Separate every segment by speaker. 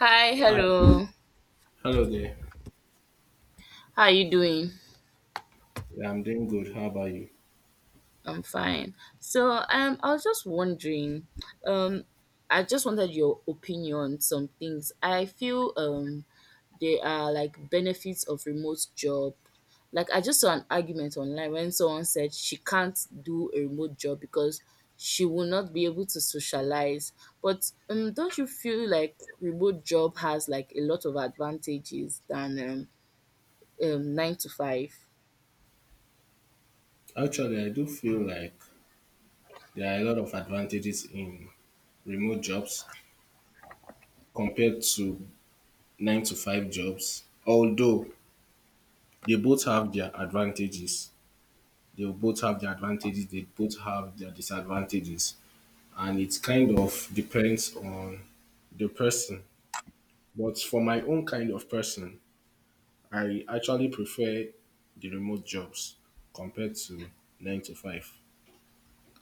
Speaker 1: Hi,
Speaker 2: Hi.
Speaker 1: hello.
Speaker 2: Hello there.
Speaker 1: How are you doing?
Speaker 2: Yeah, I'm doing good. How about you?
Speaker 1: I'm fine. So, I was just wondering, um, I just wanted your opinion on some things. I feel there are like benefits of remote job. Like I just saw an argument online when someone said she can't do a remote job because she will not be able to socialize. But don't you feel like remote job has like a lot of advantages than nine to five?
Speaker 2: Actually, I do feel like there are a lot of advantages in remote jobs compared to nine to five jobs. Although they both have their advantages, they both have their advantages, they both have their disadvantages. And it kind of depends on the person. But for my own kind of person, I actually prefer the remote jobs compared to nine to five.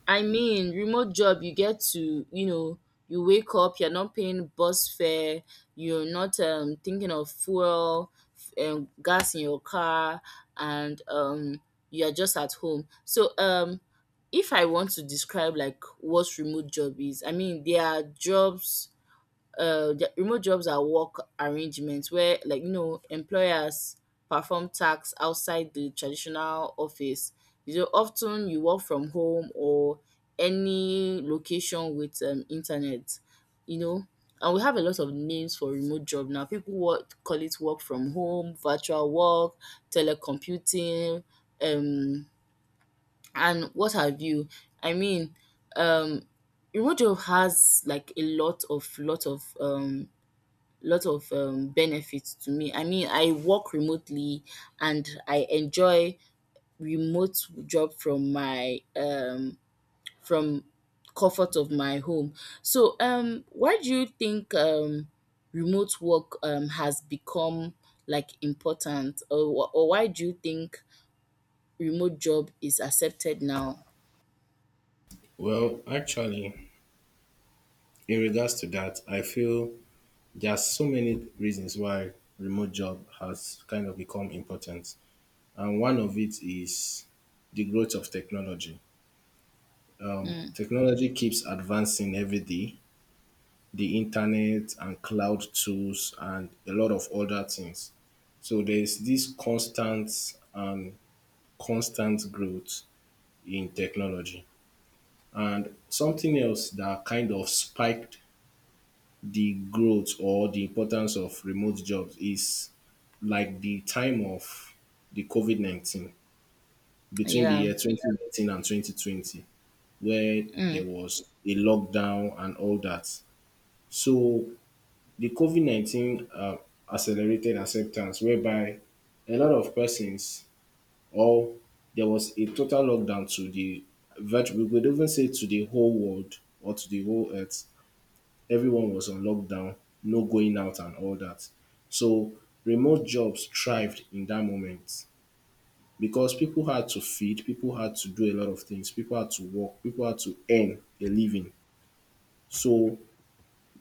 Speaker 1: I mean, remote job, you get to, you wake up, you're not paying bus fare, you're not thinking of fuel, gas in your car, and you're just at home. So, if I want to describe like what remote job is, I mean, there are jobs the remote jobs are work arrangements where, like, you know, employers perform tasks outside the traditional office. You know, often you work from home or any location with internet, you know. And we have a lot of names for remote job now. People work, call it work from home, virtual work, telecomputing, um and what have you. I mean, um remote job has like a lot of benefits to me. I mean, I work remotely and I enjoy remote job from comfort of my home. So, why do you think remote work has become like important, or why do you think remote job is accepted now?
Speaker 2: Well, actually, in regards to that, I feel there are so many reasons why remote job has kind of become important. And one of it is the growth of technology.
Speaker 1: Mm,
Speaker 2: Technology keeps advancing every day, the internet and cloud tools and a lot of other things. So there's this constant growth in technology. And something else that kind of spiked the growth or the importance of remote jobs is like the time of the COVID 19, between the
Speaker 1: yeah.
Speaker 2: year 2019 and 2020, where there
Speaker 1: Mm.
Speaker 2: was a lockdown and all that. So the COVID 19 accelerated acceptance, whereby a lot of persons, or there was a total lockdown to the virtual, we could even say to the whole world or to the whole earth, everyone was on lockdown, no going out and all that. So remote jobs thrived in that moment because people had to feed, people had to do a lot of things, people had to work, people had to earn a living. So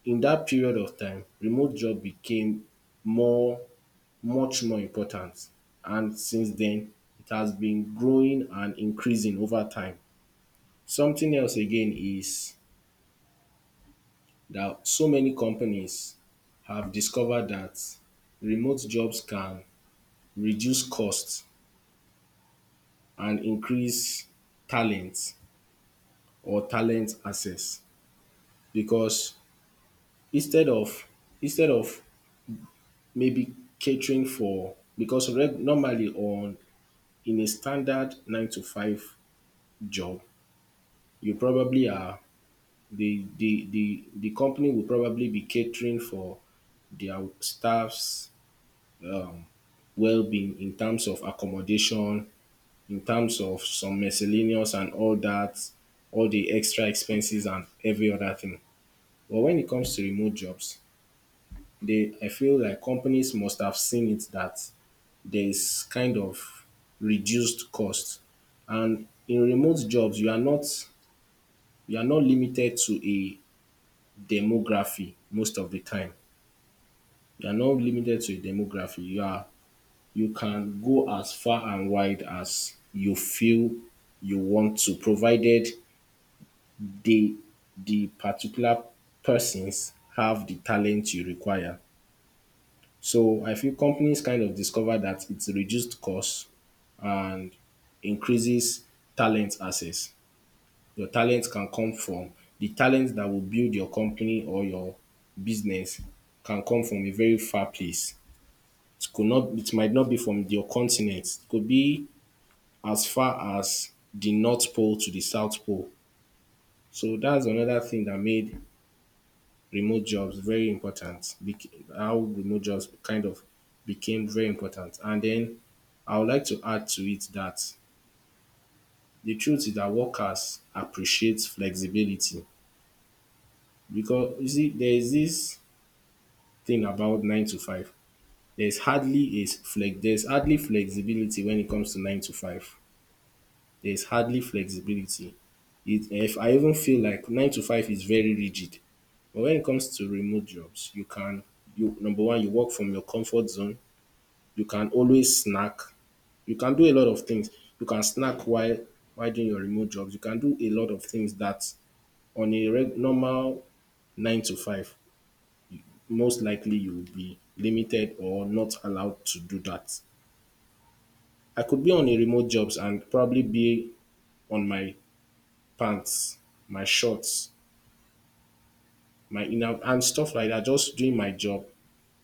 Speaker 2: in that period of time, remote job became more, much more important. And since then, it has been growing and increasing over time. Something else again is that so many companies have discovered that remote jobs can reduce costs and increase talent, or talent access, because instead of instead of maybe catering for, normally, on in a standard nine to five job, you probably are the company will probably be catering for their staffs, um, well-being in terms of accommodation, in terms of some miscellaneous and all that, all the extra expenses and every other thing. But when it comes to remote jobs, they I feel like companies must have seen it that there is kind of reduced cost. And in remote jobs, you are not limited to a demography most of the time. You are not limited to a demography. You can go as far and wide as you feel you want to, provided they the particular persons have the talent you require. So I feel companies kind of discover that it's reduced cost and increases talent access. Your talent can come from, the talent that will build your company or your business can come from a very far place. It might not be from your continent. It could be as far as the North Pole to the South Pole. So that's another thing that made remote jobs very important. How remote jobs kind of became very important. And then I would like to add to it that the truth is that workers appreciate flexibility because you see there is this thing about nine to five. There's hardly flexibility when it comes to nine to five. There's hardly flexibility. If I even feel like nine to five is very rigid. But when it comes to remote jobs, you, number one, you work from your comfort zone. You can always snack. You can do a lot of things. You can snack while doing your remote jobs. You can do a lot of things that on a normal nine to five, most likely you will be limited or not allowed to do that. I could be on a remote jobs and probably be on my pants, my shorts, my inner and stuff like that, just doing my job.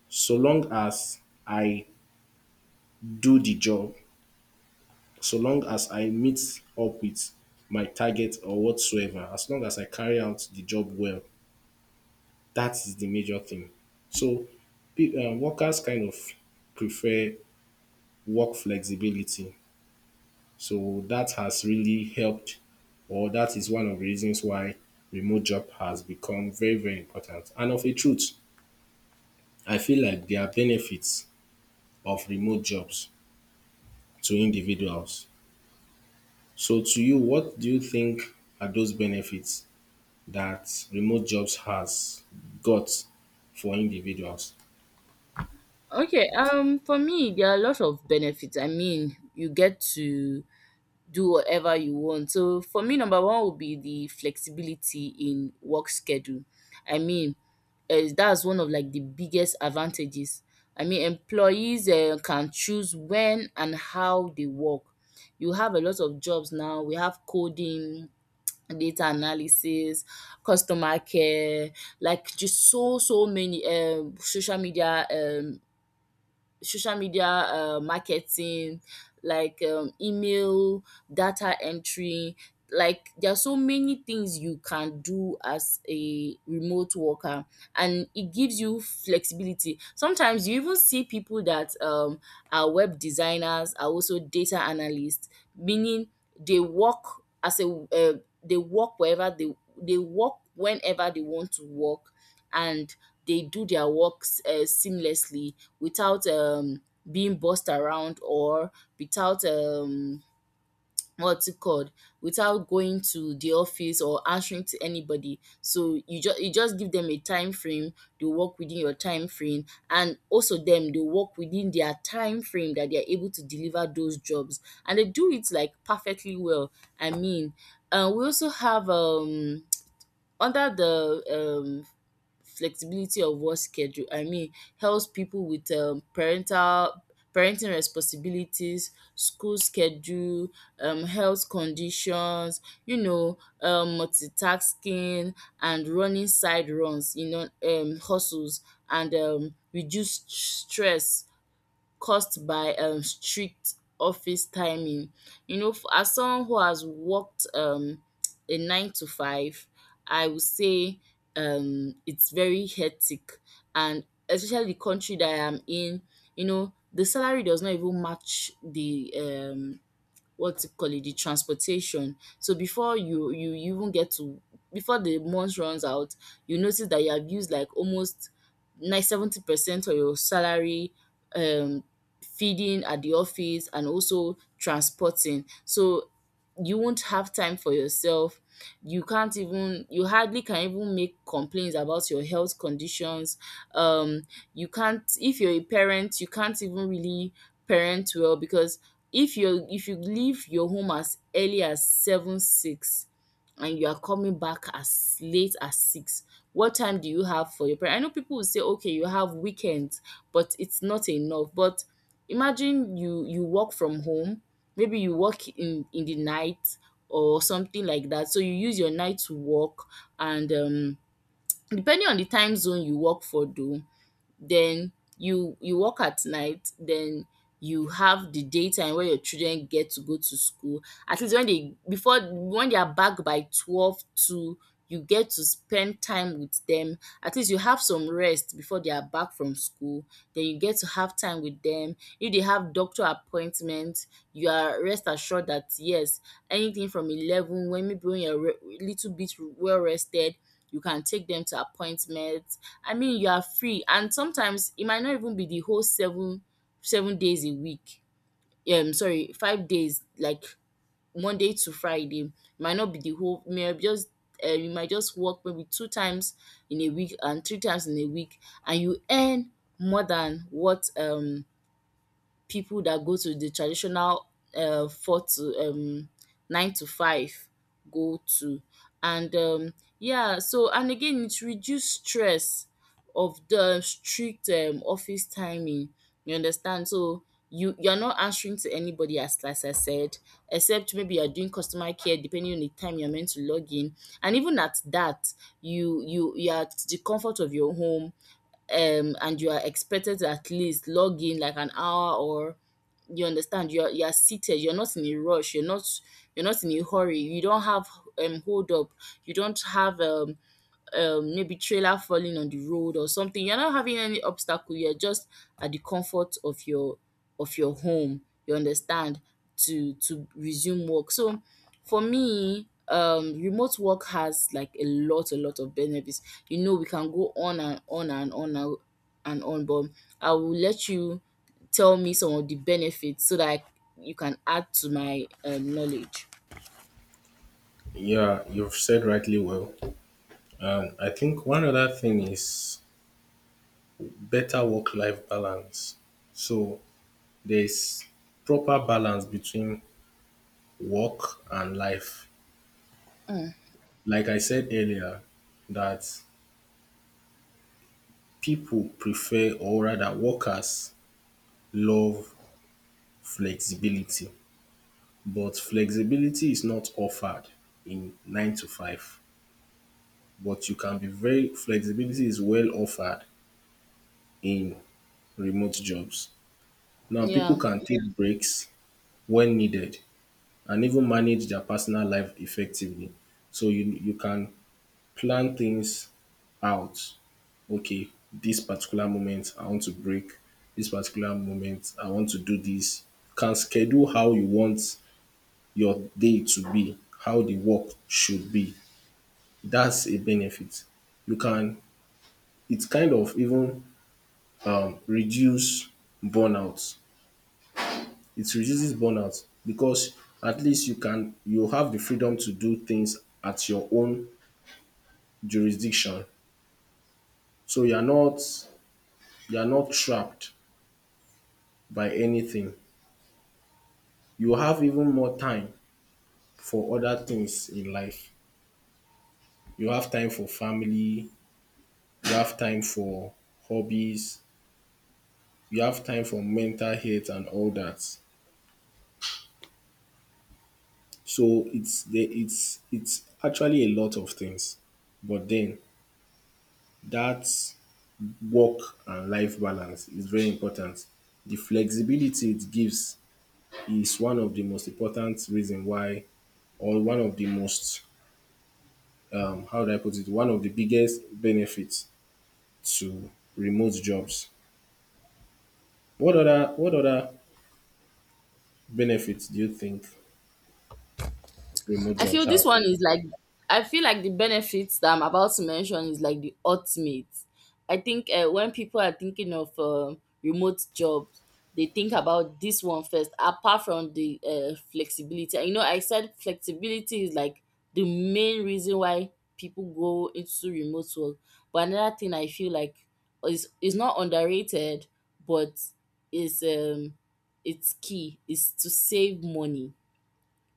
Speaker 2: So long as I do the job, so long as I meet up with my target or whatsoever, as long as I carry out the job well, that is the major thing. So workers kind of prefer work flexibility. So that has really helped, or that is one of the reasons why remote job has become very, very important. And of a truth, I feel like there are benefits of remote jobs to individuals. So to you, what do you think are those benefits that remote jobs has got for individuals?
Speaker 1: Okay. For me, there are a lot of benefits. I mean, you get to do whatever you want. So for me, number one would be the flexibility in work schedule. I mean, that's one of like the biggest advantages. I mean, employees can choose when and how they work. You have a lot of jobs now. We have coding, data analysis, customer care, like just so many social media marketing, like email, data entry. Like there are so many things you can do as a remote worker, and it gives you flexibility. Sometimes you even see people that are web designers, are also data analysts, meaning they work as a uh, they work wherever they they work whenever they want to work, and they do their works seamlessly, without being bossed around, or without what's it called without going to the office or answering to anybody. So you just, give them a time frame. They work within your time frame, and also them, they work within their time frame, that they are able to deliver those jobs. And they do it like perfectly well. I mean, we also have under the um flexibility of work schedule. I mean, helps people with parental parenting responsibilities, school schedule, health conditions, you know, multitasking and running side runs, you know, hustles, and reduce stress caused by strict office timing. You know, as someone who has worked a nine to five, I would say it's very hectic. And especially the country that I am in, you know, the salary does not even match the what you call it, the transportation. So before you you even get to before the month runs out, you notice that you have used like almost like 70% of your salary um feeding at the office and also transporting. So you won't have time for yourself. You can't even you hardly can even make complaints about your health conditions. Um you can't, if you're a parent, you can't even really parent well. Because if you leave your home as early as 7, 6, and you are coming back as late as six, what time do you have for your parents? I know people will say, okay, you have weekends, but it's not enough. But imagine, you work from home. Maybe you work in the night, or something like that. So you use your night to work. And depending on the time zone you work for, though. Then you work at night. Then you have the daytime where your children get to go to school. At least when they are back by 12, 2, you get to spend time with them. At least you have some rest before they are back from school. Then you get to have time with them. If they have doctor appointment, you are rest assured that yes, anything from 11, when, maybe when you're little bit well rested, you can take them to appointment. I mean, you are free. And sometimes it might not even be the whole seven seven days a week. Sorry, 5 days, like Monday to Friday. It might not be the whole. May just you might just work maybe 2 times in a week and 3 times in a week, and you earn more than what people that go to the traditional, four to nine to five go to. And yeah. So, and again, it reduce stress of the strict office timing, you understand. So you're not answering to anybody, as I said, except maybe you're doing customer care, depending on the time you're meant to log in. And even at that, you're at the comfort of your home. And you are expected to at least log in like an hour or, you understand, you're seated. You're not in a rush. You're not in a hurry. You don't have, hold up, you don't have, maybe trailer falling on the road or something. You're not having any obstacle. You're just at the comfort of your, home, you understand, to resume work. So for me, remote work has like a lot of benefits. You know, we can go on and on and on and on. But I will let you tell me some of the benefits so that, you can add to my knowledge.
Speaker 2: Yeah, you've said rightly well. And I think one other thing is better work life balance. So there's proper balance between work and life. Like I said earlier, that people prefer, or rather workers love flexibility. But Flexibility is not offered in nine to five. But you can be very Flexibility is well offered in remote jobs. Now people
Speaker 1: Yeah.
Speaker 2: can take, yeah, breaks when needed and even manage their personal life effectively. So you can plan things out. Okay, this particular moment I want to break. This particular moment I want to do this. You can schedule how you want your day to be, how the work should be. That's a benefit. You can, it kind of even reduce burnout. It reduces burnout because at least you have the freedom to do things at your own jurisdiction. So you are not trapped by anything. You have even more time for other things in life. You have time for family, you have time for hobbies, you have time for mental health and all that. So it's the it's actually a lot of things. But then that work and life balance is very important. The flexibility it gives is one of the most important reason why, or one of the most, how do I put it? One of the biggest benefits to remote jobs. What other benefits do you think remote
Speaker 1: I feel
Speaker 2: jobs
Speaker 1: this
Speaker 2: have?
Speaker 1: one is like, I feel like the benefits that I'm about to mention is like the ultimate. I think, when people are thinking of remote jobs, they think about this one first. Apart from the flexibility, you know, I said flexibility is like the main reason why people go into remote work. But another thing I feel like is not underrated, but is it's key is to save money,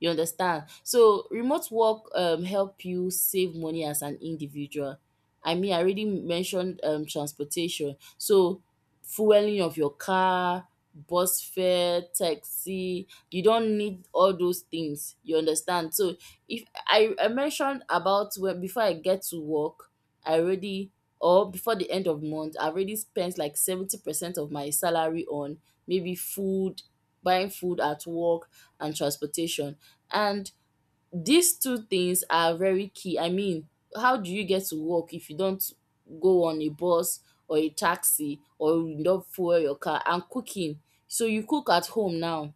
Speaker 1: you understand? So remote work help you save money as an individual. I mean, I already mentioned transportation. So fueling of your car, bus fare, taxi, you don't need all those things. You understand? So, if I, I mentioned about, when before I get to work, I already or before the end of month, I already spent like 70% of my salary on maybe food, buying food at work and transportation. And these two things are very key. I mean, how do you get to work if you don't go on a bus or a taxi or you don't fuel your car? And cooking. So you cook at home now,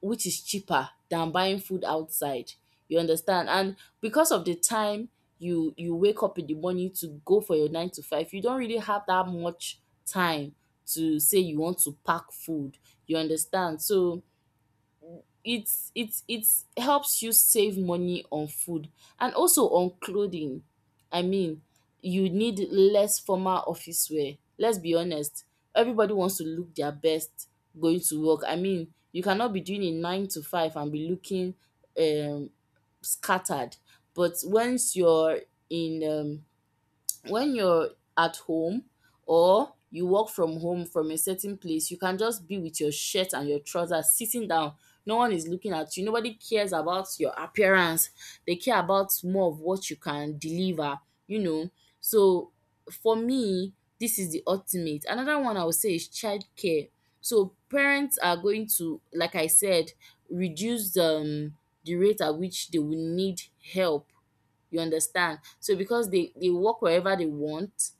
Speaker 1: which is cheaper than buying food outside. You understand? And because of the time you wake up in the morning to go for your nine to five, you don't really have that much time to say you want to pack food. You understand? So it's helps you save money on food and also on clothing. I mean, you need less formal office wear, let's be honest. Everybody wants to look their best going to work. I mean, you cannot be doing a nine to five and be looking um scattered. But once you're in when you're at home, or you work from home from a certain place, you can just be with your shirt and your trousers sitting down. No one is looking at you, nobody cares about your appearance. They care about more of what you can deliver you know so for me, this is the ultimate. Another one I would say is childcare. So parents are going to, like I said, reduce the rate at which they will need help. You understand? So because they work wherever they want,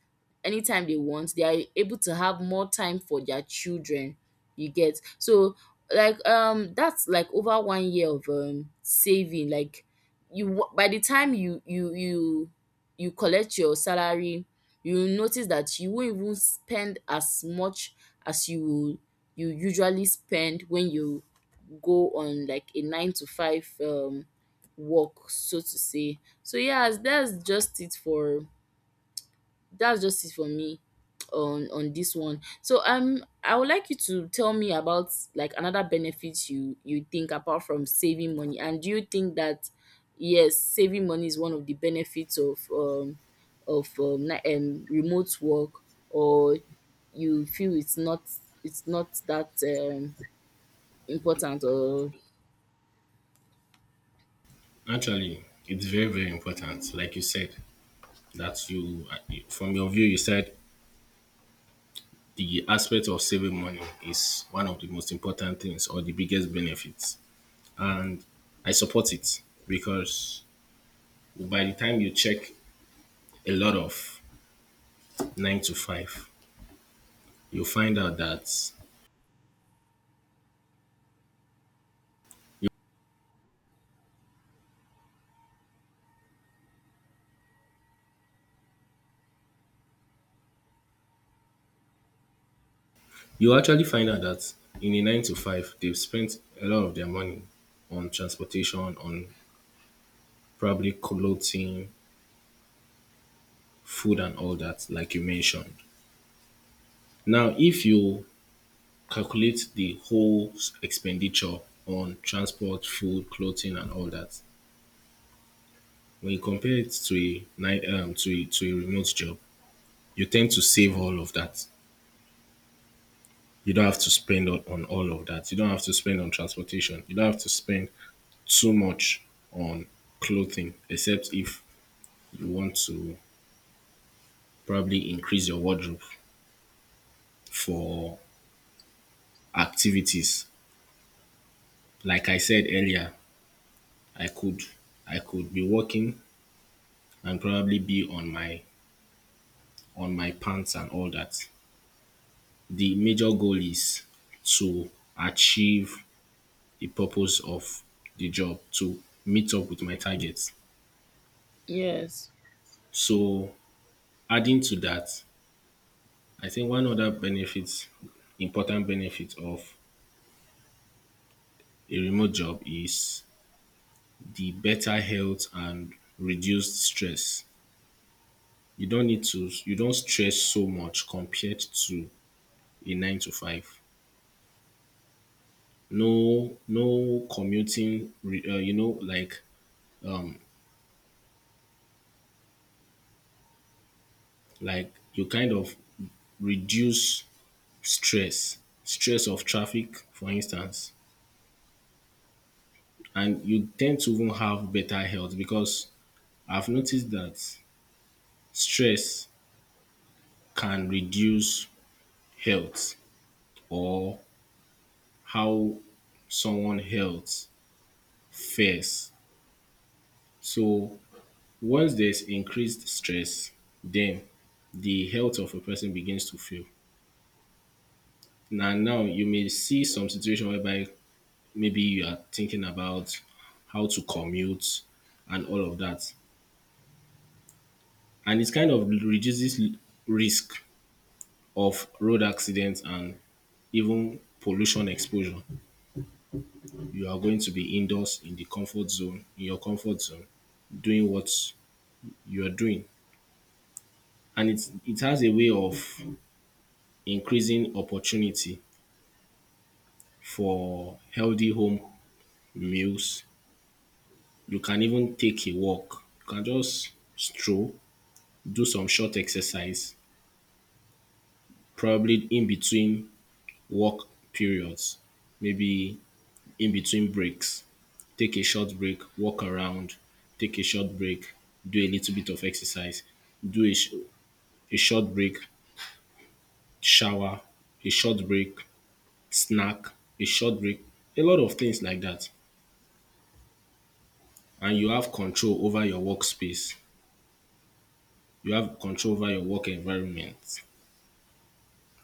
Speaker 1: anytime they want, they are able to have more time for their children. You get? So like that's like over 1 year of saving. Like, by the time you collect your salary, you will notice that you won't even spend as much as you usually spend when you go on like a nine to five work, so to say. So yes, that's just it for me on this one. So I would like you to tell me about like another benefit you think, apart from saving money. And do you think that, yes, saving money is one of the benefits of remote work, or you feel it's not, it's not that important, or
Speaker 2: Actually, it's very, very important. Like you said, that you, from your view, you said the aspect of saving money is one of the most important things, or the biggest benefits. And I support it because by the time you check a lot of nine to five, you find out that you, you actually find out that in a nine to five, they've spent a lot of their money on transportation, on probably clothing, food, and all that, like you mentioned. Now, if you calculate the whole expenditure on transport, food, clothing, and all that. When you compare it to a ni- to a remote job, you tend to save all of that. You don't have to spend on all of that. You don't have to spend on transportation. You don't have to spend too much on clothing, except if you want to probably increase your wardrobe for activities. Like I said earlier, I could I could be working and probably be on my pants and all that. The major goal is to achieve the purpose of the job, to meet up with my targets.
Speaker 1: yes,
Speaker 2: So adding to that, I think one other benefit, important benefit of a remote job is the better health and reduced stress. You don't stress so much compared to a 9 to 5. No commuting, um like you kind of reduce stress, stress of traffic, for instance, and you tend to even have better health because I've noticed that stress can reduce health, or how someone health fares. So once there's increased stress, then the health of a person begins to fail. Now, you may see some situation whereby maybe you are thinking about how to commute and all of that. And it kind of reduces risk of road accidents and even pollution exposure. You are going to be indoors in the comfort zone, in your comfort zone, doing what you are doing. And it has a way of increasing opportunity for healthy home meals. You can even take a walk. You can just stroll, do some short exercise, probably in between work periods, maybe in between breaks. Take a short break, walk around, take a short break, do a little bit of exercise, do a, sh- a short break, shower, a short break, snack, a short break, a lot of things like that. And you have control over your workspace, you have control over your work environment,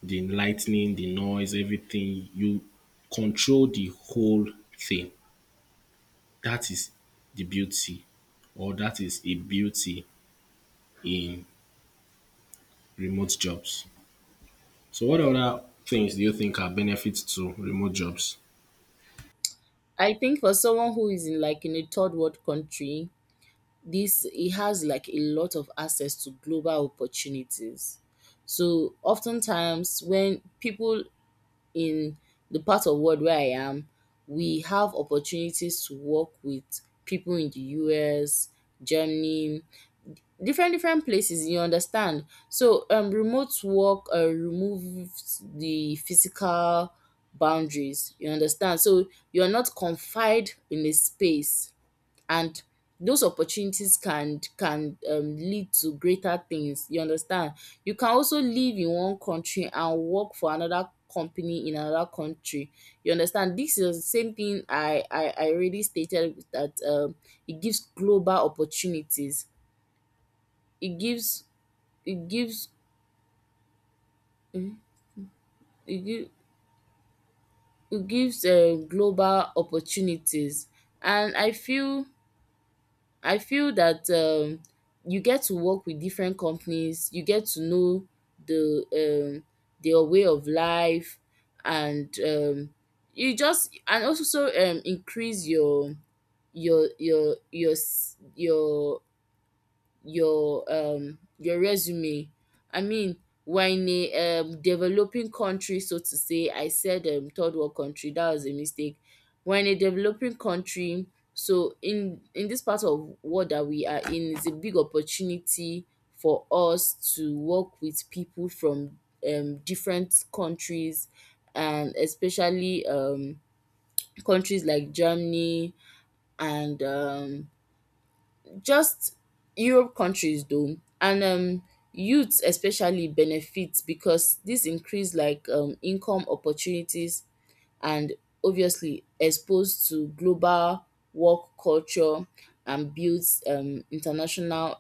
Speaker 2: the lightning, the noise, everything. You control the whole thing. That is the beauty, or that is a beauty in remote jobs. So what other things do you think are benefits to remote jobs?
Speaker 1: I think for someone who is in like in a third world country, this he has like a lot of access to global opportunities. So oftentimes when people in the part of world where I am, we have opportunities to work with people in the US, Germany, different places. You understand? So remote work removes the physical boundaries. You understand? So you're not confined in a space, and those opportunities can lead to greater things. You understand? You can also live in one country and work for another company in another country. You understand? This is the same thing I already stated, that it gives global opportunities, it gives, it gives, it give, it gives global opportunities. And I feel, I feel that you get to work with different companies. You get to know the their way of life, and you just and also so increase your your your your s- your your resume. I mean, we're in a developing country, so to say. I said third world country. That was a mistake. We're in a developing country, so in this part of world that we are in is a big opportunity for us to work with people from different countries, and especially countries like Germany and just Europe countries though. And youths especially benefit because this increase like income opportunities, and obviously exposed to global work culture, and builds international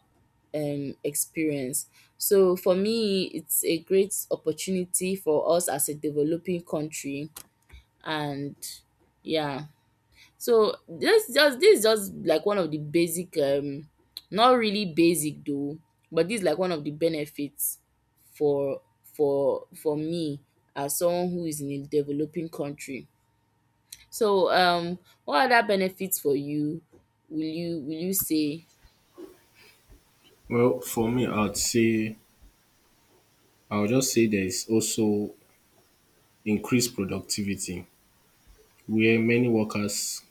Speaker 1: experience. So for me, it's a great opportunity for us as a developing country. And yeah. So this just, this is just like one of the basic not really basic though, but this is like one of the benefits for me as someone who is in a developing country. So what other benefits for you will you will you say?
Speaker 2: Well, for me, I would just say there is also increased productivity, where many workers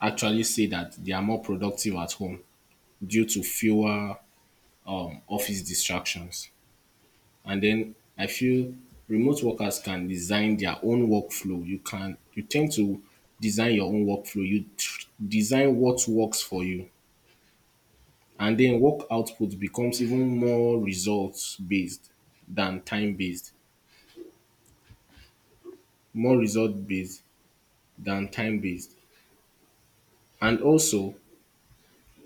Speaker 2: actually say that they are more productive at home due to fewer office distractions. And then I feel remote workers can design their own workflow. You tend to design your own workflow. Design what works for you, and then work output becomes even more results based than time based, more result based than time based. And also,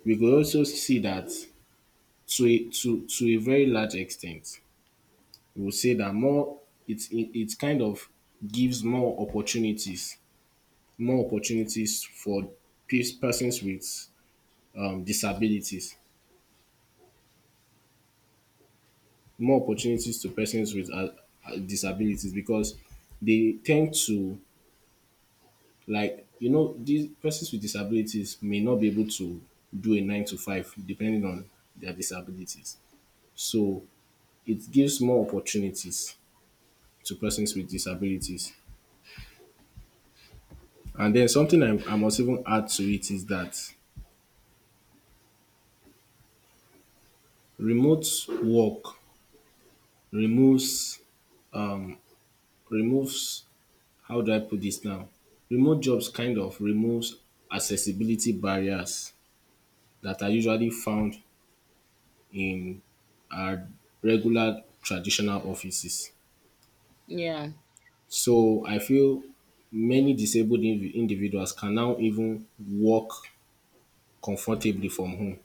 Speaker 2: we could also see that to a very large extent, we will say that it kind of gives more opportunities for persons with, disabilities, more opportunities to persons with disabilities because they tend to like you know these persons with disabilities may not be able to do a nine to five depending on their disabilities. So it gives more opportunities to persons with disabilities. And then something I must even add to it is that remote work removes, um, removes, how do I put this now? Remote jobs kind of removes accessibility barriers that are usually found in our regular traditional offices.
Speaker 1: Yeah.
Speaker 2: So I feel many disabled individuals can now even work comfortably from home.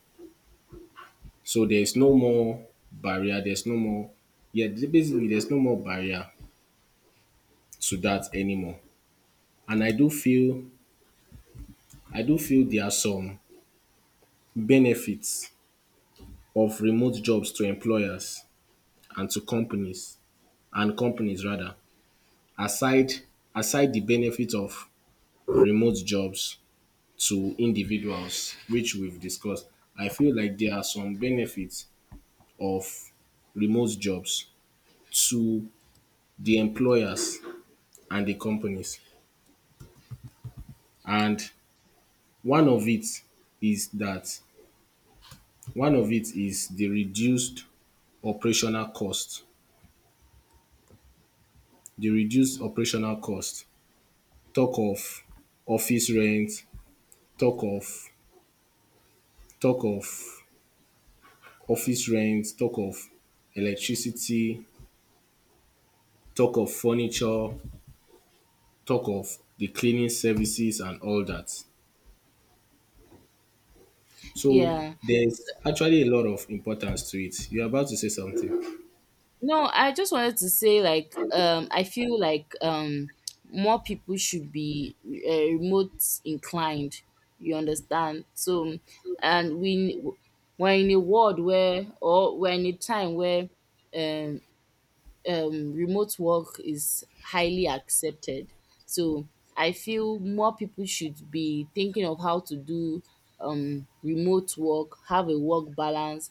Speaker 2: So there's no more barrier, there's no more, yeah, basically there's no more barrier to that anymore. And I do feel there are some benefits of remote jobs to employers and to companies, and companies rather, aside aside the benefit of remote jobs to individuals, which we've discussed. I feel like there are some benefits of remote jobs to the employers and the companies. And one of it is that one of it is the reduced operational cost. The reduced operational cost. Talk of office rent, talk of talk of office rent, talk of electricity, talk of furniture, talk of the cleaning services and all that. So
Speaker 1: Yeah.
Speaker 2: there's actually a lot of importance to it. You're about to say something.
Speaker 1: No, I just wanted to say like I feel like more people should be remote inclined. You understand? So and we, we're in a world where, or we're in a time where um remote work is highly accepted. So I feel more people should be thinking of how to do remote work, have a work balance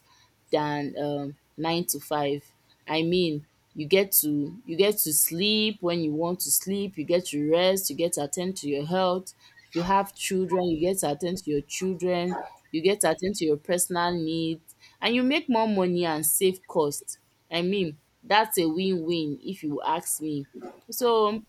Speaker 1: than nine to five. I mean, you get to, you get to sleep when you want to sleep. You get to rest. You get to attend to your health. If you have children, you get to attend to your children. You get to attend to your personal needs, and you make more money and save costs. I mean, that's a win-win if you ask me. So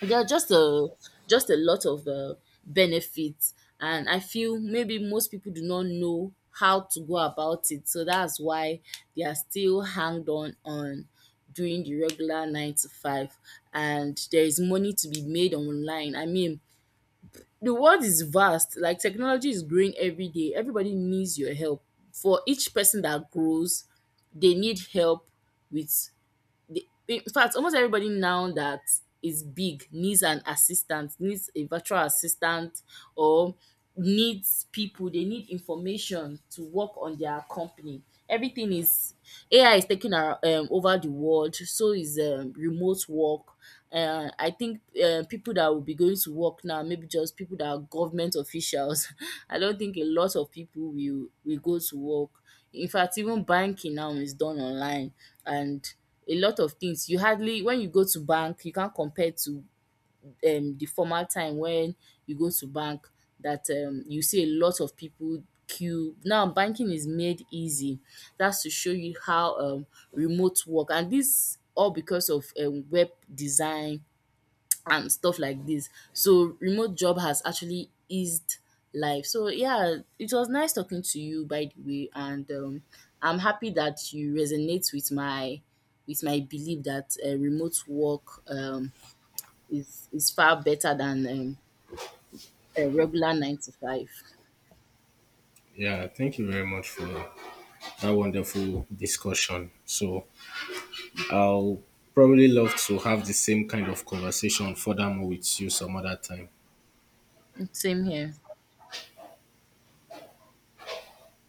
Speaker 1: there are just a, just a lot of benefits, and I feel maybe most people do not know how to go about it. So that's why they are still hanged on doing the regular nine to five, and there is money to be made online. I mean, the world is vast. Like technology is growing every day. Everybody needs your help. For each person that grows, they need help with the, in fact almost everybody now that is big needs an assistant, needs a virtual assistant, or needs people, they need information to work on their company. Everything is, ai is taking our, over the world, so is remote work. I think people that will be going to work now maybe just people that are government officials. I don't think a lot of people will go to work. In fact, even banking now is done online, and a lot of things, you hardly, when you go to bank, you can't compare to the formal time when you go to bank, that you see a lot of people queue. Now banking is made easy. That's to show you how remote work, and this all because of web design and stuff like this. So remote job has actually eased life. So yeah, it was nice talking to you, by the way. And I'm happy that you resonate with my, with my belief that remote work is far better than a regular nine to five.
Speaker 2: Yeah, thank you very much for that wonderful discussion. So I'll probably love to have the same kind of conversation furthermore with you some other time.
Speaker 1: Same here.